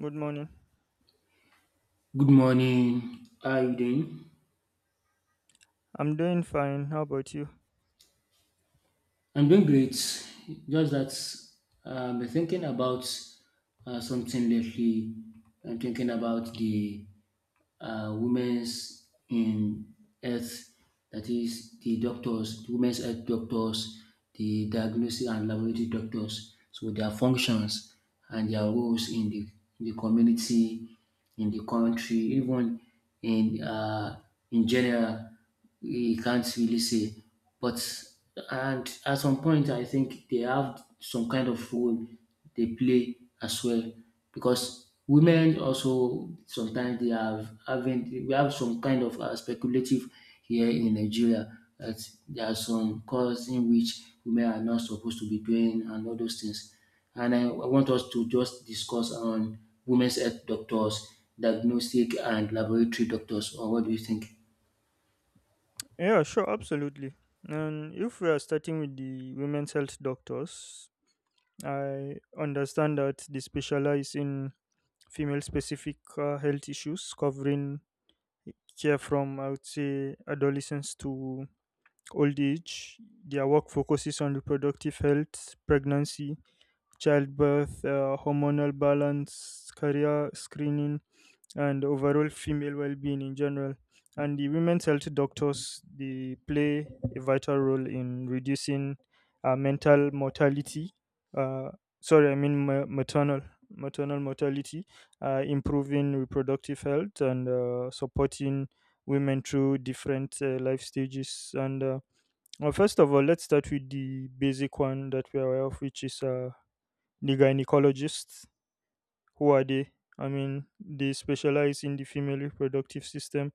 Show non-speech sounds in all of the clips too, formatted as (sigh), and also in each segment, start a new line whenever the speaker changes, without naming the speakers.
Good morning.
Good morning. How are you doing?
I'm doing fine. How about you?
I'm doing great. Just that I've been thinking about something lately. I'm thinking about the women's in health, that is the doctors, the women's health doctors, the diagnosis and laboratory doctors. So their functions and their roles in the community, in the country, even in uh, in general. You can't really say. But and at some point, I think they have some kind of role they play as well, because women also sometimes they have having we have some kind of speculative here in Nigeria that there are some cause in which women are not supposed to be doing and all those things. And I want us to just discuss on women's health doctors, diagnostic and laboratory doctors, or what do you think?
Yeah, sure, absolutely. And if we are starting with the women's health doctors, I understand that they specialize in female specific health issues covering care from, I would say, adolescence to old age. Their work focuses on reproductive health, pregnancy, childbirth, hormonal balance, career screening and overall female well-being in general, and the women's health doctors they play a vital role in reducing mental mortality, uh, sorry I mean ma- maternal maternal mortality, improving reproductive health and supporting women through different life stages. And well, first of all, let's start with the basic one that we are aware of, which is, the gynecologist. Who are they? I mean, they specialize in the female reproductive system.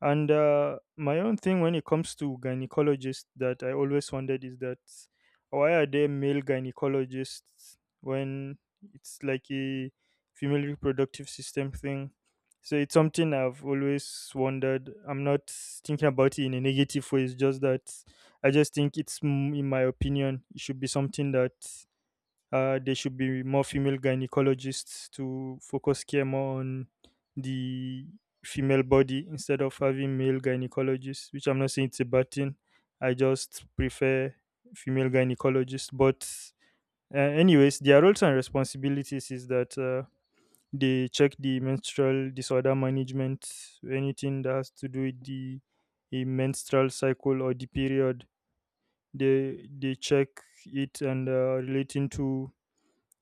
And my own thing when it comes to gynecologists that I always wondered is that why are there male gynecologists when it's like a female reproductive system thing? So it's something I've always wondered. I'm not thinking about it in a negative way. It's just that I just think it's, in my opinion, it should be something that, there should be more female gynecologists to focus care more on the female body instead of having male gynecologists, which I'm not saying it's a bad thing. I just prefer female gynecologists. But, anyways, their roles and responsibilities is that, they check the menstrual disorder management, anything that has to do with the a menstrual cycle or the period. They check it, and relating to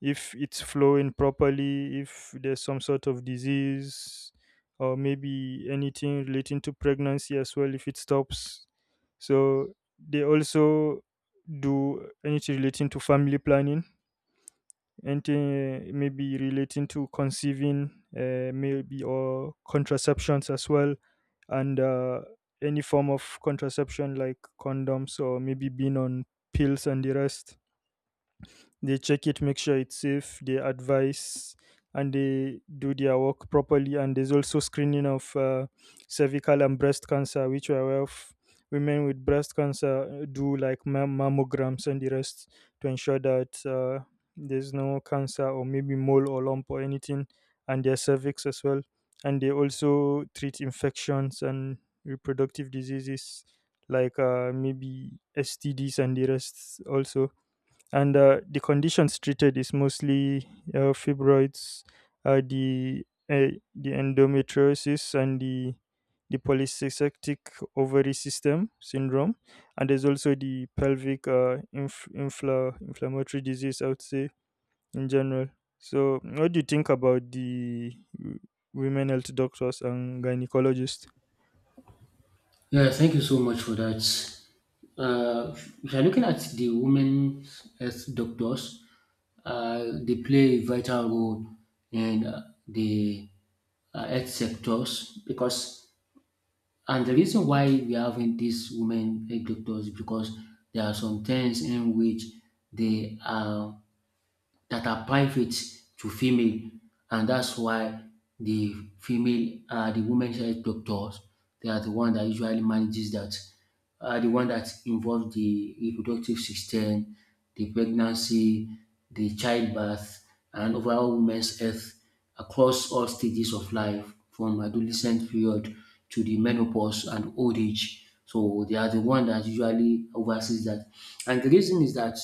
if it's flowing properly, if there's some sort of disease, or maybe anything relating to pregnancy as well, if it stops. So they also do anything relating to family planning, anything maybe relating to conceiving, maybe, or contraceptions as well, and any form of contraception like condoms or maybe being on pills and the rest. They check it, make sure it's safe, they advise, and they do their work properly. And there's also screening of, cervical and breast cancer, which are aware of. Women with breast cancer do like mammograms and the rest to ensure that, there's no cancer or maybe mole or lump or anything, and their cervix as well. And they also treat infections and reproductive diseases like, maybe STDs and the rest also, and the conditions treated is mostly, fibroids, uh, the uh, the endometriosis, and the polycystic ovary system syndrome. And there's also the pelvic, inflammatory disease, I would say, in general. So what do you think about the women health doctors and gynecologists?
Yeah, thank you so much for that. If you're looking at the women's health doctors, they play a vital role in the health sectors because, and the reason why we are having these women health doctors is because there are some times in which they are that are private to female, and that's why the female are the women health doctors. They are the one that usually manages that, are the one that involves the reproductive system, the pregnancy, the childbirth, and overall women's health across all stages of life, from adolescent period to the menopause and old age. So they are the one that usually oversees that. And the reason is that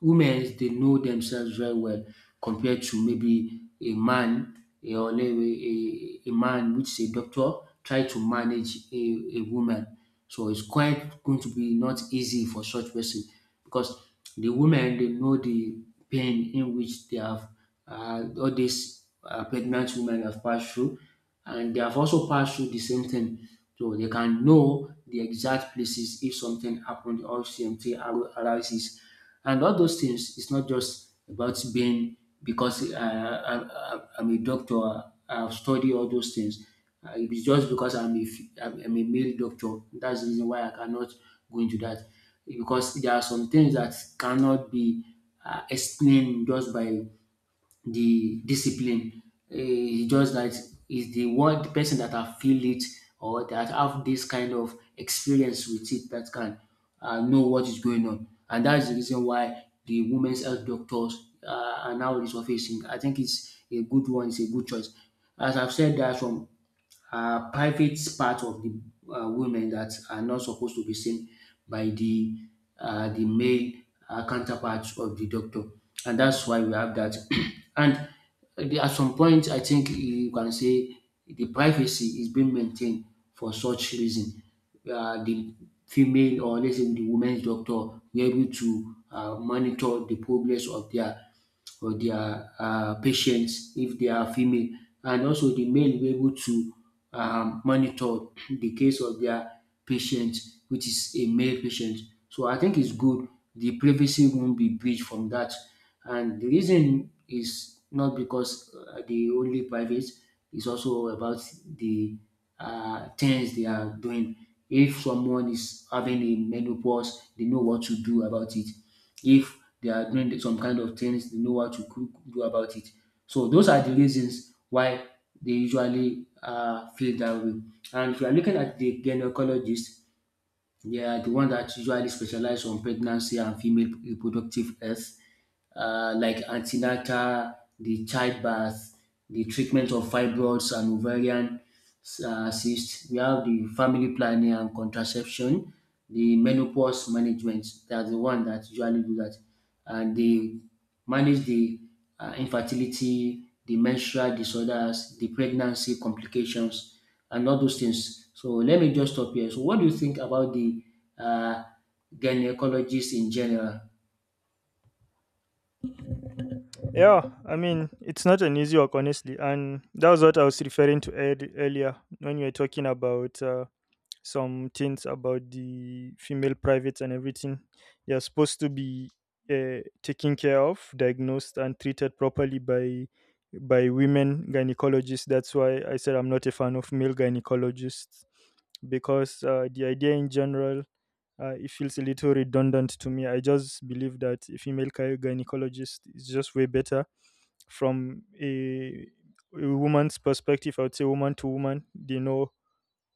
women they know themselves very well compared to maybe a man, or a, a man which is a doctor try to manage a woman. So it's quite going to be not easy for such person because the women they know the pain in which they have, all these pregnant women have passed through, and they have also passed through the same thing. So they can know the exact places if something happened or CMT ar- arises. And all those things, it's not just about being because I'm a doctor, I've studied all those things. It's just because I'm a, f- I'm a male doctor. That's the reason why I cannot go into that. Because there are some things that cannot be explained just by the discipline. It's just that is the one the person that have feel it or that have this kind of experience with it that can know what is going on. And that is the reason why the women's health doctors are now resurfacing. I think it's a good one, it's a good choice. As I've said, there are some private part of the women that are not supposed to be seen by the the male counterpart of the doctor, and that's why we have that. (clears throat) and at some point, I think you can say the privacy is being maintained for such reason. The female, or let's say the women's doctor be able to monitor the progress of their or their patients if they are female, and also the male will be able to monitor the case of their patient, which is a male patient. So I think it's good. The privacy won't be breached from that. And the reason is not because the only private is also about the things they are doing. If someone is having a menopause, they know what to do about it. If they are doing some kind of things, they know what to cook, do about it. So those are the reasons why they usually feel that way. And if you are looking at the gynecologist, yeah, the one that usually specialize on pregnancy and female reproductive health, like antenatal, the childbirth, the treatment of fibroids and ovarian cysts. We have the family planning and contraception, the menopause management. That's the one that usually do that, and they manage the infertility, the menstrual disorders, the pregnancy complications, and all those things. So let me just stop here. So what do you think about the uh, gynecologist in general?
Yeah, I mean, it's not an easy work, honestly. And that was what I was referring to earlier when you were talking about, some things about the female privates and everything. They're supposed to be, taken care of, diagnosed, and treated properly by women gynecologists. That's why I said I'm not a fan of male gynecologists, because the idea in general, it feels a little redundant to me. I just believe that a female gynecologist is just way better from a woman's perspective. I would say woman to woman, they know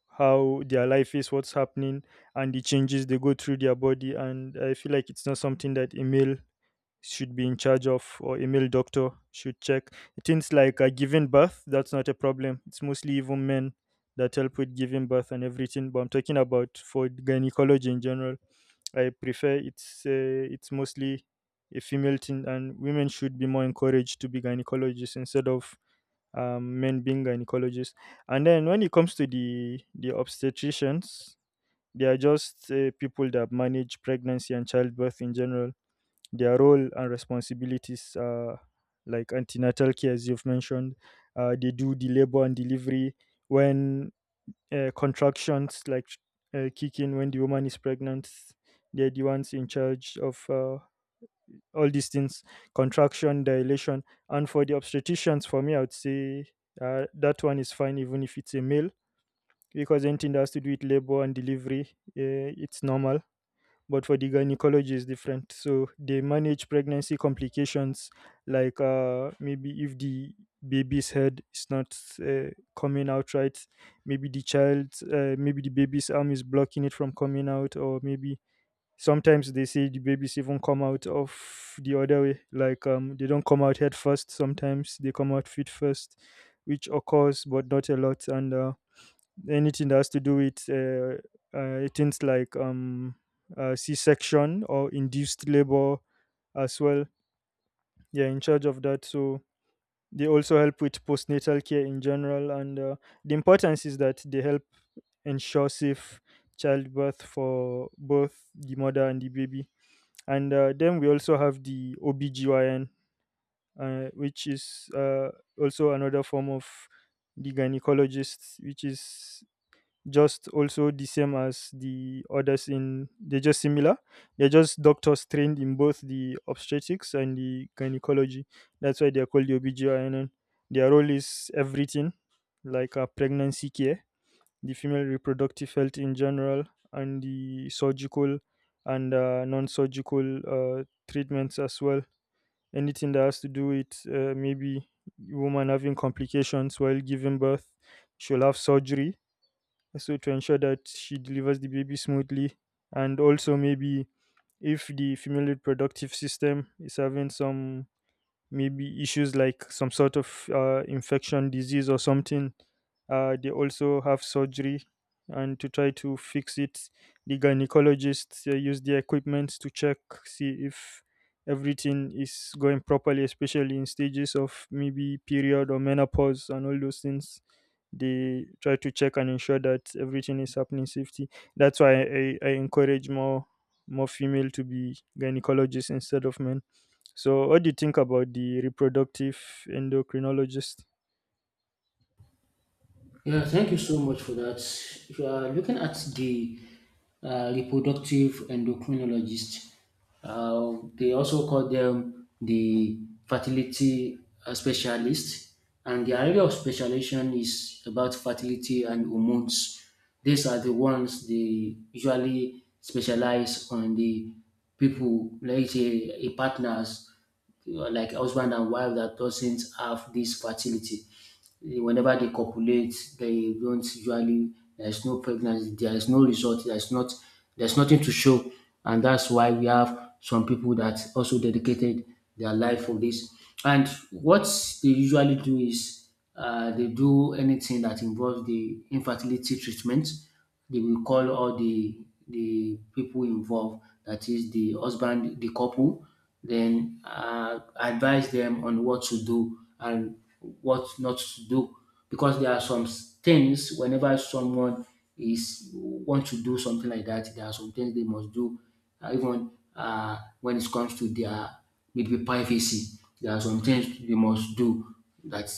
how their life is, what's happening, and the changes they go through their body. And I feel like it's not something that a male should be in charge of, or a male doctor should check. Things like, giving birth, that's not a problem. It's mostly even men that help with giving birth and everything. But I'm talking about, for gynecology in general, I prefer it's, it's mostly a female thing, and women should be more encouraged to be gynecologists instead of, men being gynecologists. And then when it comes to the obstetricians, they are just, people that manage pregnancy and childbirth in general. Their role and responsibilities are like antenatal care, as you've mentioned. They do the labor and delivery when, contractions like, kick in when the woman is pregnant. They're the ones in charge of, all these things: contraction, dilation. And for the obstetricians, for me, I would say, that one is fine even if it's a male, because anything that has to do with labor and delivery, uh, it's normal. But for the gynecology is different. So they manage pregnancy complications, like, maybe if the baby's head is not, uh, coming out right, maybe the child, maybe the baby's arm is blocking it from coming out, or maybe sometimes they say the babies even come out of the other way, like, they don't come out head first, sometimes they come out feet first, which occurs but not a lot. And anything that has to do with, things like, C-section or induced labor as well. They're in charge of that. So they also help with postnatal care in general. And the importance is that they help ensure safe childbirth for both the mother and the baby. And then we also have the OBGYN, which is, also another form of the gynecologist, which is just also the same as the others in they're just similar. They're just doctors trained in both the obstetrics and the gynecology. That's why they're called the OBGYN. Their role is everything, like, pregnancy care, the female reproductive health in general, and the surgical and, non-surgical, treatments as well. Anything that has to do with, maybe woman having complications while giving birth, she'll have surgery, so to ensure that she delivers the baby smoothly. And also maybe if the female reproductive system is having some, maybe issues like some sort of, infection disease or something, they also have surgery and to try to fix it. The gynecologists, use their equipment to check, see if everything is going properly, especially in stages of maybe period or menopause and all those things. They try to check and ensure that everything is happening safety. That's why I encourage more female to be gynecologists instead of men. So what do you think about the reproductive endocrinologist?
Yeah, thank you so much for that. If you are looking at the reproductive endocrinologist, they also call them the fertility specialist, and the area of specialization is about fertility and hormones. These are the ones they usually specialize on the people, like say, a partners, you know, like husband and wife that doesn't have this fertility. Whenever they copulate, they don't usually there's no pregnancy, there is no result, there's not there's nothing to show, and that's why we have some people that also dedicated their life for this. And what they usually do is they do anything that involves the infertility treatment. They will call all the people involved, that is the husband, the couple, then advise them on what to do and what not to do, because there are some s- things whenever someone is want to do something like that, there are some things they must do, even when it comes to their maybe privacy. There are some things they must do that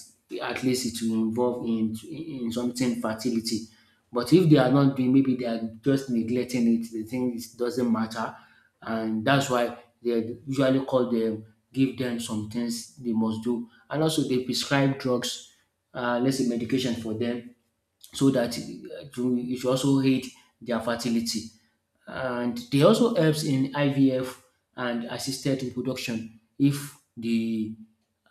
at least it will involve in something fertility. But if they are not doing, maybe they are just neglecting it, they think it doesn't matter, and that's why they usually call them, give them some things they must do, and also they prescribe drugs, let's say medication for them so that it should also aid their fertility. And they also helps in IVF and assisted reproduction if the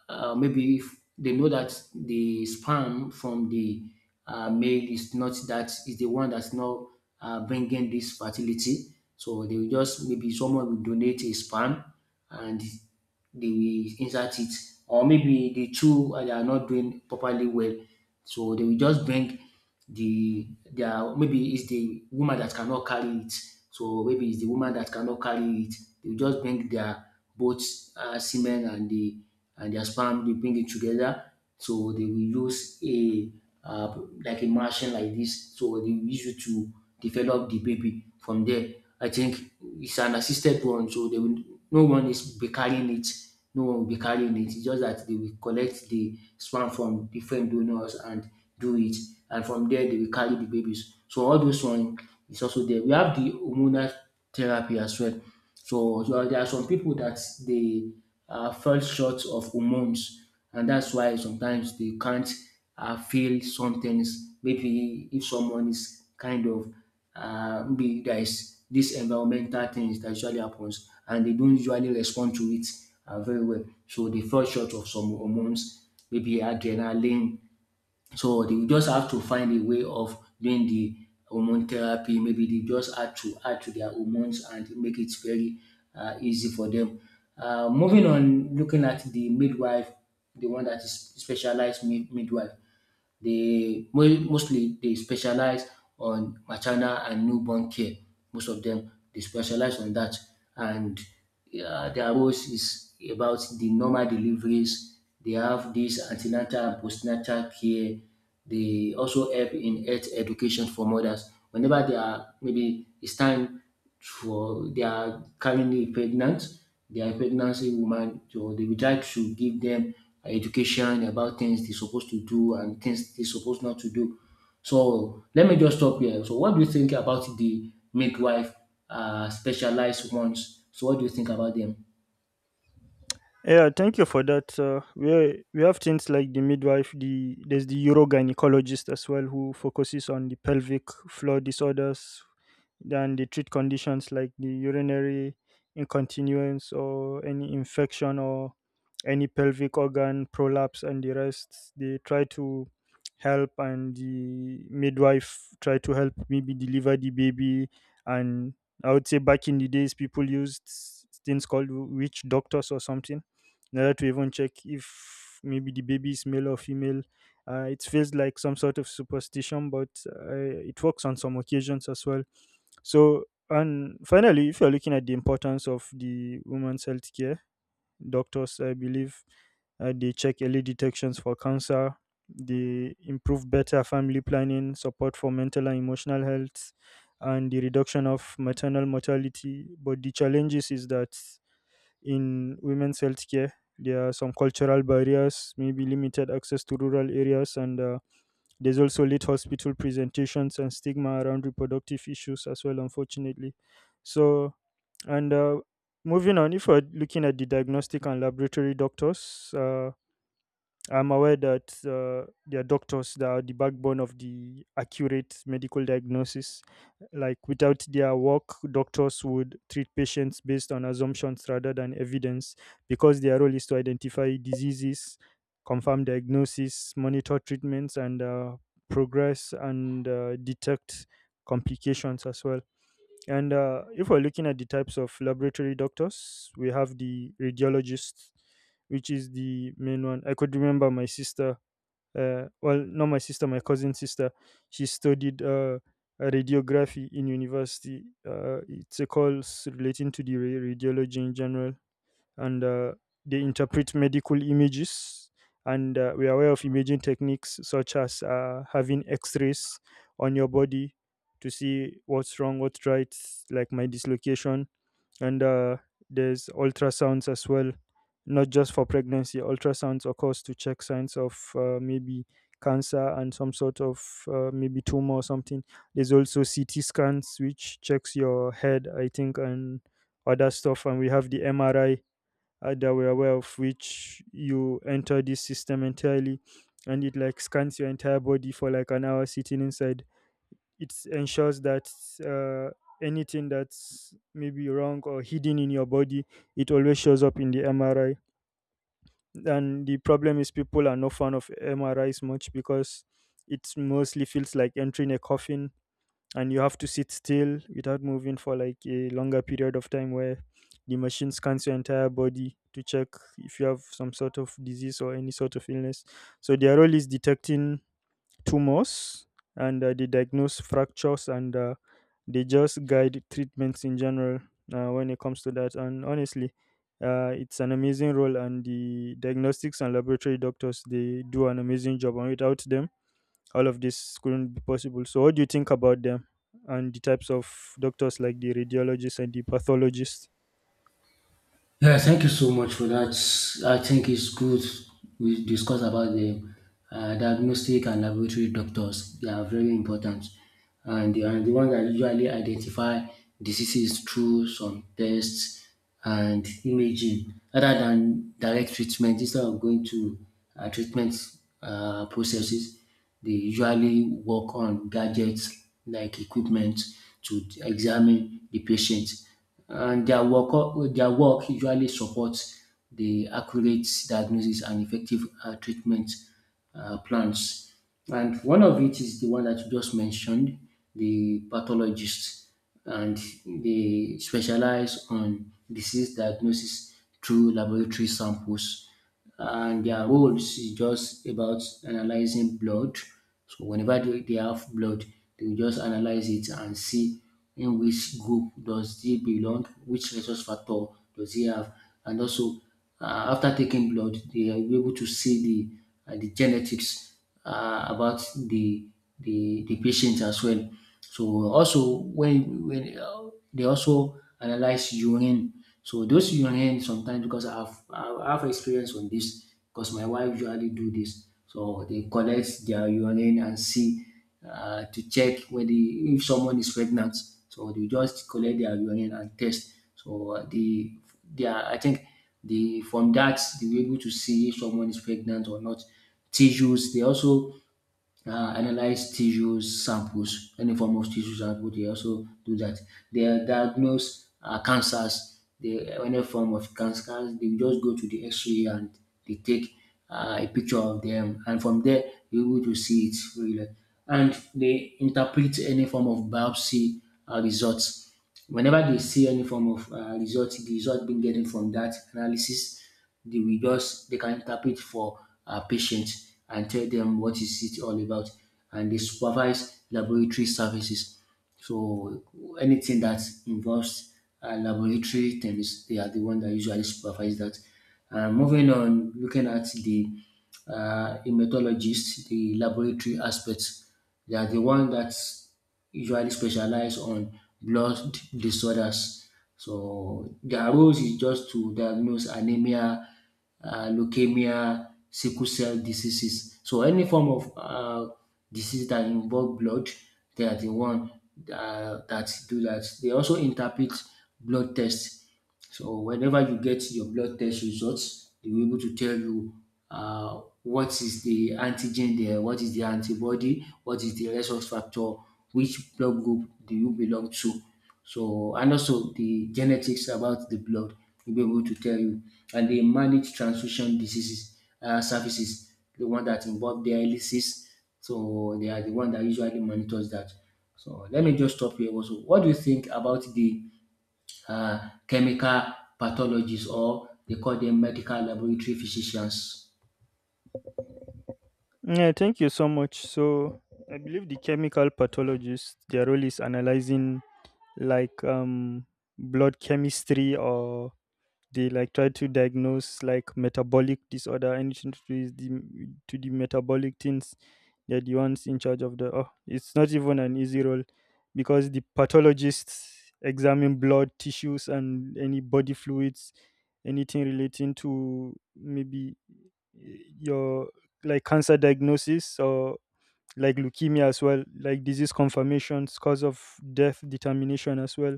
maybe if they know that the sperm from the male is not that is the one that's not bringing this fertility. So they will just maybe someone will donate a sperm and they will insert it, or maybe the two they are not doing properly well, so they will just bring the there maybe it's the woman that cannot carry it. So maybe it's the woman that cannot carry it. They will just bring their both semen and the and their sperm. They bring it together, so they will use a uh, like a machine like this. So they will use it to develop the baby. From there, I think it's an assisted one, so they will no one is be carrying it. No one will be carrying it. It's just that they will collect the sperm from different donors and do it, and from there they will carry the babies. So all those one is also there. We have the hormonal therapy as well. So there are some people that they fell short of hormones, and that's why sometimes they can't feel some things. Maybe if someone is kind of maybe there is this environmental things that usually happens, and they don't usually respond to it very well. So they fall short of some hormones, maybe adrenaline, so they will just have to find a way of doing the hormone therapy. Maybe they just had to add to their hormones and make it very easy for them. Moving on, looking at the midwife, the one that is specialized mid- midwife, they mo- mostly they specialize on maternal and newborn care, most of them they specialize on that. And their roles is about the normal deliveries. They have this antenatal and postnatal care. They also help in health education for mothers whenever they are maybe it's time for they are currently pregnant, they are pregnancy woman, so they would like to give them education about things they're supposed to do and things they're supposed not to do. So let me just stop here. So what do you think about the midwife specialized ones? So what do you think about them?
Yeah, thank you for that. We have things like the midwife, there's the urogynecologist as well, who focuses on the pelvic floor disorders. Then they treat conditions like the urinary incontinence, or any infection, or any pelvic organ prolapse and the rest. They try to help, and the midwife try to help maybe deliver the baby. And I would say back in the days people used things called witch doctors or something in order to even check if maybe the baby is male or female. It feels like some sort of superstition, but, it works on some occasions as well. So, and finally, if you're looking at the importance of the women's health care doctors, I believe, they check early detections for cancer, they improve better family planning, support for mental and emotional health, and the reduction of maternal mortality. But the challenges is that in women's healthcare, there are some cultural barriers, maybe limited access to rural areas, and, there's also late hospital presentations and stigma around reproductive issues as well, unfortunately. So, and moving on, if we're looking at the diagnostic and laboratory doctors, I'm aware that, there are doctors that are the backbone of the accurate medical diagnosis. Like, without their work, doctors would treat patients based on assumptions rather than evidence, because their role is to identify diseases, confirm diagnosis, monitor treatments and, progress, and, detect complications as well. And if we're looking at the types of laboratory doctors, we have the radiologist, which is the main one. I could remember my sister, well, not my sister, my cousin sister, she studied, radiography in university. It's a course relating to the radiology in general and they interpret medical images and we are aware of imaging techniques such as having x-rays on your body to see what's wrong, what's right, like my dislocation. And There's ultrasounds as well, not just for pregnancy. Ultrasounds occurs to check signs of, maybe cancer and some sort of, maybe tumor or something. There's also CT scans, which checks your head I think, and other stuff, and we have the MRI, that we're aware of, which you enter this system entirely and it like scans your entire body for like an hour sitting inside. It ensures that, uh, anything that's maybe wrong or hidden in your body, it always shows up in the MRI. And the problem is people are no fan of MRIs much because it mostly feels like entering a coffin and you have to sit still without moving for like a longer period of time, where the machine scans your entire body to check if you have some sort of disease or any sort of illness. So their role is detecting tumors, and they diagnose fractures, and they just guide treatments in general, when it comes to that. And honestly, it's an amazing role, and the diagnostics and laboratory doctors they do an amazing job. And without them, all of this couldn't be possible. So, what do you think about them and the types of doctors like the radiologists and the pathologists?
Yeah, thank you so much for that. I think it's good we discuss about the diagnostic and laboratory doctors. They are very important, and they are the ones that usually identify diseases through some tests and imaging, rather than direct treatment. Instead of going to treatment processes, they usually work on gadgets like equipment to examine the patient, and their work usually supports the accurate diagnosis and effective treatment plans. And one of it is the one that you just mentioned, the pathologist, and they specialize on disease diagnosis through laboratory samples, and their roles is just about analyzing blood. So whenever they have blood, they will just analyze it and see in which group does they belong, which resource factor does he have, and also after taking blood, they are able to see the genetics about the the patient as well. So also when they also analyze urine. So those urine sometimes because I have experience on this because my wife usually do this. So they collect their urine and see, to check whether if someone is pregnant. So they just collect their urine and test. So the they are, I think the From that they were able to see if someone is pregnant or not. Tissues, they also analyze tissues samples, any form of tissue sample, they also do that. They diagnose cancers, they, any form of cancers, they just go to the X-ray and they take a picture of them, and from there you're able to see it really. And they interpret any form of biopsy results. Whenever they see any form of result, the result being getting from that analysis, they will just they can interpret for our patients and tell them what is it all about. And they supervise laboratory services. So anything that involves laboratory things, they are the one that usually supervise that. And moving on, looking at the hematologists, the laboratory aspects, they are the one that's usually specialize on blood disorders. So their roles is just to diagnose anemia, leukemia, sickle cell diseases. So any form of disease that involve blood, they are the one that do that. They also interpret blood tests. So whenever you get your blood test results, they will be able to tell you what is the antigen there, what is the antibody, what is the resource factor, which blood group do you belong to. So and also the genetics about the blood will be able to tell you. And they manage transfusion diseases, services, the one that involve dialysis. So they are the one that usually monitors that. So let me just stop here also. What do you think about the chemical pathologists, or they call them medical laboratory physicians?
Yeah, thank you so much. So, I believe the chemical pathologists, their role is analyzing like, blood chemistry, or they like try to diagnose like metabolic disorder, anything to do with the to the metabolic things. They're the ones in charge of the. Oh, it's not even an easy role because the pathologists examine blood tissues and any body fluids, anything relating to maybe, your like cancer diagnosis or like leukemia as well, like disease confirmations, cause of death determination as well.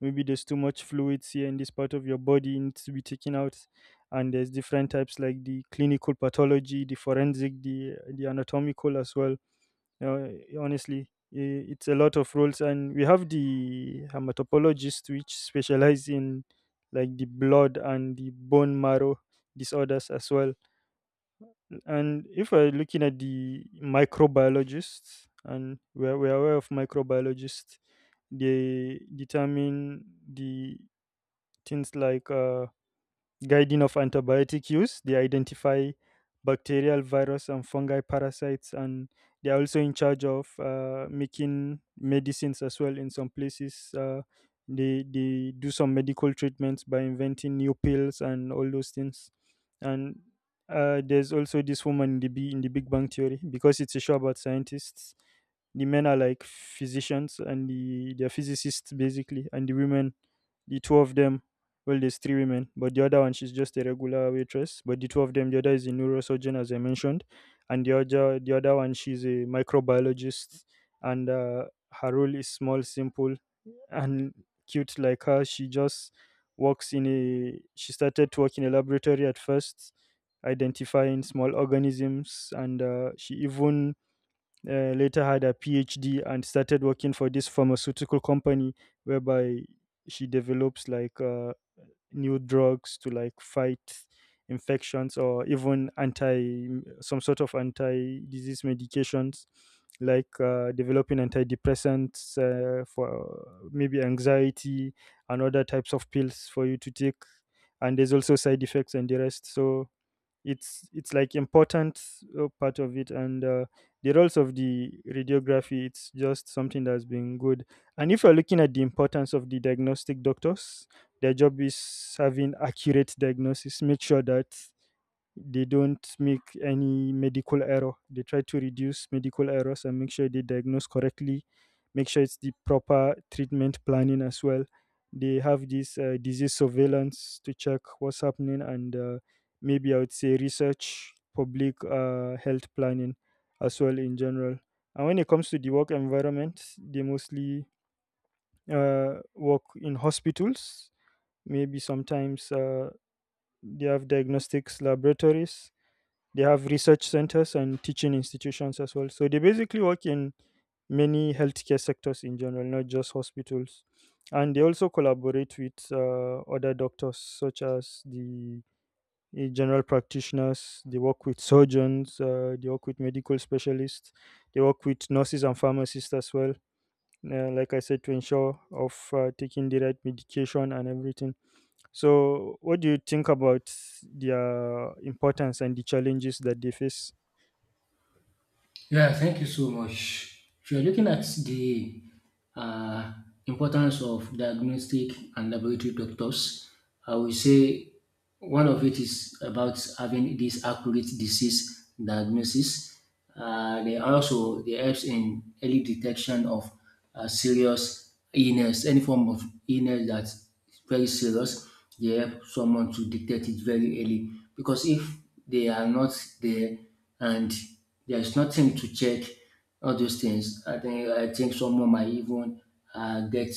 Maybe there's too much fluids here in this part of your body needs to be taken out. And there's different types like the clinical pathology, the forensic, the anatomical as well. Uh, Honestly, it's a lot of roles, and we have the hematopologists, which specialize in like the blood and the bone marrow disorders as well. And if we're looking at the microbiologists, and we're aware of microbiologists, they determine the things like, guiding of antibiotic use. They identify bacterial, virus, and fungi parasites, and they are also in charge of making medicines as well. In some places, they do some medical treatments by inventing new pills and all those things. And there's also this woman in the Big Bang Theory, because it's a show about scientists. The men are like physicians and they're physicists basically, and the women, the two of them, well, there's three women, but the other one she's just a regular waitress. But the two of them, the other is a neurosurgeon, as I mentioned, and the other one she's a microbiologist, and her role is small, simple, and cute like her. She just works in a. She started to work in a laboratory at first, identifying small organisms, and she even, later had a PhD and started working for this pharmaceutical company whereby she develops like. New drugs to like fight infections, or even anti, some sort of anti disease medications, like, developing antidepressants, for maybe anxiety and other types of pills for you to take. And there's also side effects and the rest. So it's, like important part of it, and the roles of the radiography, it's just something that's been good. And if you're looking at the importance of the diagnostic doctors, their job is having accurate diagnosis, make sure that they don't make any medical error. They try to reduce medical errors and make sure they diagnose correctly, make sure it's the proper treatment planning as well. They have this disease surveillance to check what's happening, and maybe I would say research, public health planning as well in general. And when it comes to the work environment, they mostly work in hospitals. Maybe sometimes they have diagnostics laboratories, they have research centers and teaching institutions as well. So they basically work in many healthcare sectors in general, not just hospitals. And they also collaborate with other doctors, such as the general practitioners. They work with surgeons. They work with medical specialists. They work with nurses and pharmacists as well. Like I said, to ensure of taking the right medication and everything. So, what do you think about their importance and the challenges that they face?
Yeah, thank you so much. If you're looking at the uh, importance of diagnostic and laboratory doctors, I will say one of it is about having this accurate disease diagnosis. They also they helps in early detection of serious illness, any form of illness that very serious, they help someone to detect it very early. Because if they are not there and there is nothing to check, all those things, I think someone might even get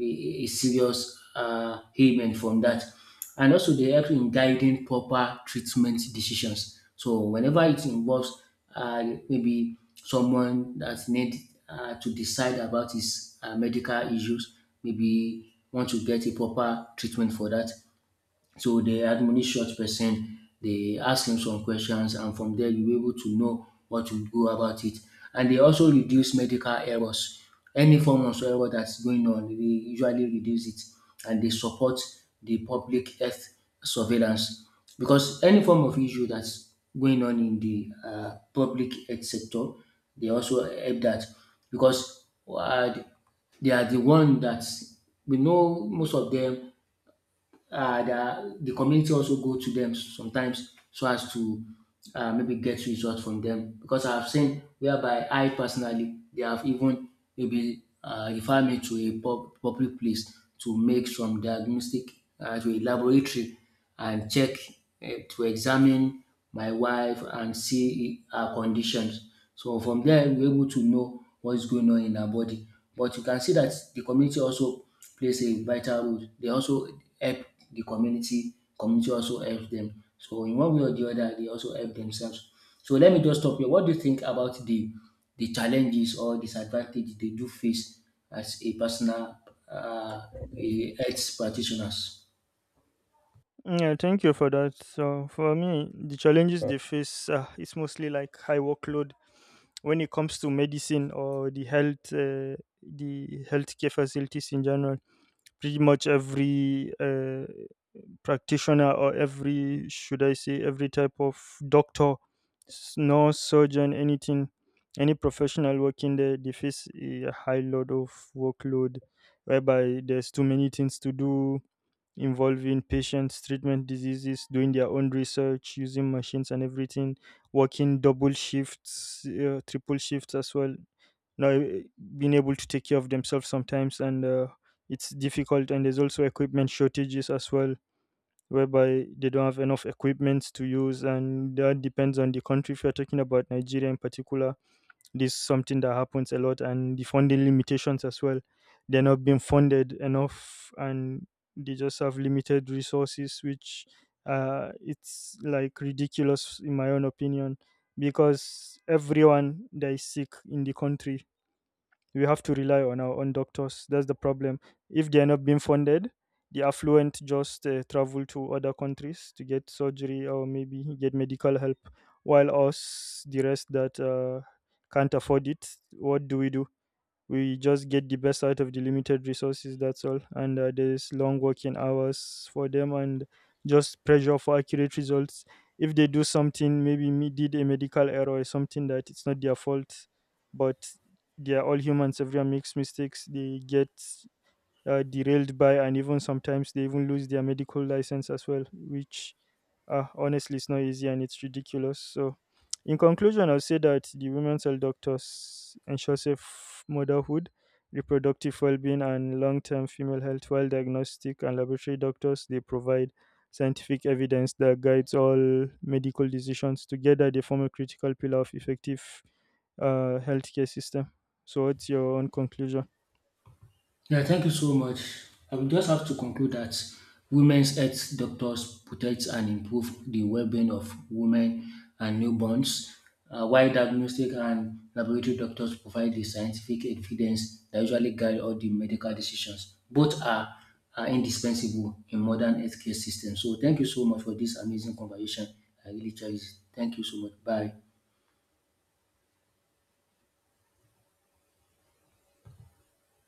a serious ailment from that. And also they help in guiding proper treatment decisions. So whenever it involves uh, maybe someone that need to decide about his medical issues, maybe want to get a proper treatment for that, so they admonish such person, they ask him some questions and from there you able to know what to do about it. And they also reduce medical errors. Any form of error that's going on, they usually reduce it, and they support the public health surveillance. Because any form of issue that's going on in the public health sector, they also help that. Because they are the one that we know most of them, the community also go to them sometimes so as to maybe get results from them, because I've seen whereby I personally they have even maybe referred me to a pub, public place to make some diagnostic, to a laboratory and check, to examine my wife and see her conditions, so from there, we're able to know what is going on in our body. But you can see that the community also plays a vital role. They also help the community. Community also helps them. So in one way or the other, they also help themselves. So let me just stop here. What do you think about the challenges or disadvantage they do face as a personal uh, a health practitioners?
Yeah, thank you for that. So for me, the challenges they face is mostly like high workload when it comes to medicine or the health, the healthcare facilities in general. Pretty much every practitioner, or every, should I say, every type of doctor, nurse, surgeon, anything, any professional working there, they face a high load of workload, whereby there's too many things to do involving patients, treatment diseases, doing their own research, using machines and everything, working double shifts, triple shifts as well. Now, being able to take care of themselves sometimes, and it's difficult. And there's also equipment shortages as well, whereby they don't have enough equipment to use, and that depends on the country. If you're talking about Nigeria in particular, this is something that happens a lot, and the funding limitations as well. They're not being funded enough, and they just have limited resources, which, it's like ridiculous in my own opinion, because everyone that is sick in the country, we have to rely on our own doctors. That's the problem. If they are not being funded, the affluent just travel to other countries to get surgery or maybe get medical help, while us, the rest that, can't afford it, what do we do? We just get the best out of the limited resources, that's all. And there's long working hours for them, and just pressure for accurate results. If they do something, maybe me did a medical error or something that it's not their fault, but they are all humans, everyone makes mistakes. They get derailed by, and even sometimes they even lose their medical license as well, which, honestly is not easy and it's ridiculous. So, in conclusion, I'll say that the women's health doctors ensure safe motherhood, reproductive well-being, and long-term female health, while diagnostic and laboratory doctors they provide scientific evidence that guides all medical decisions. Together, they form a critical pillar of effective healthcare system. So, what's your own conclusion?
Yeah, thank you so much. I will just have to conclude that women's health doctors protect and improve the well-being of women and newborns, while diagnostic and laboratory doctors provide the scientific evidence that usually guide all the medical decisions. Both are indispensable in modern healthcare systems. So thank you so much for this amazing conversation. I really cherish it. Thank you so much. Bye.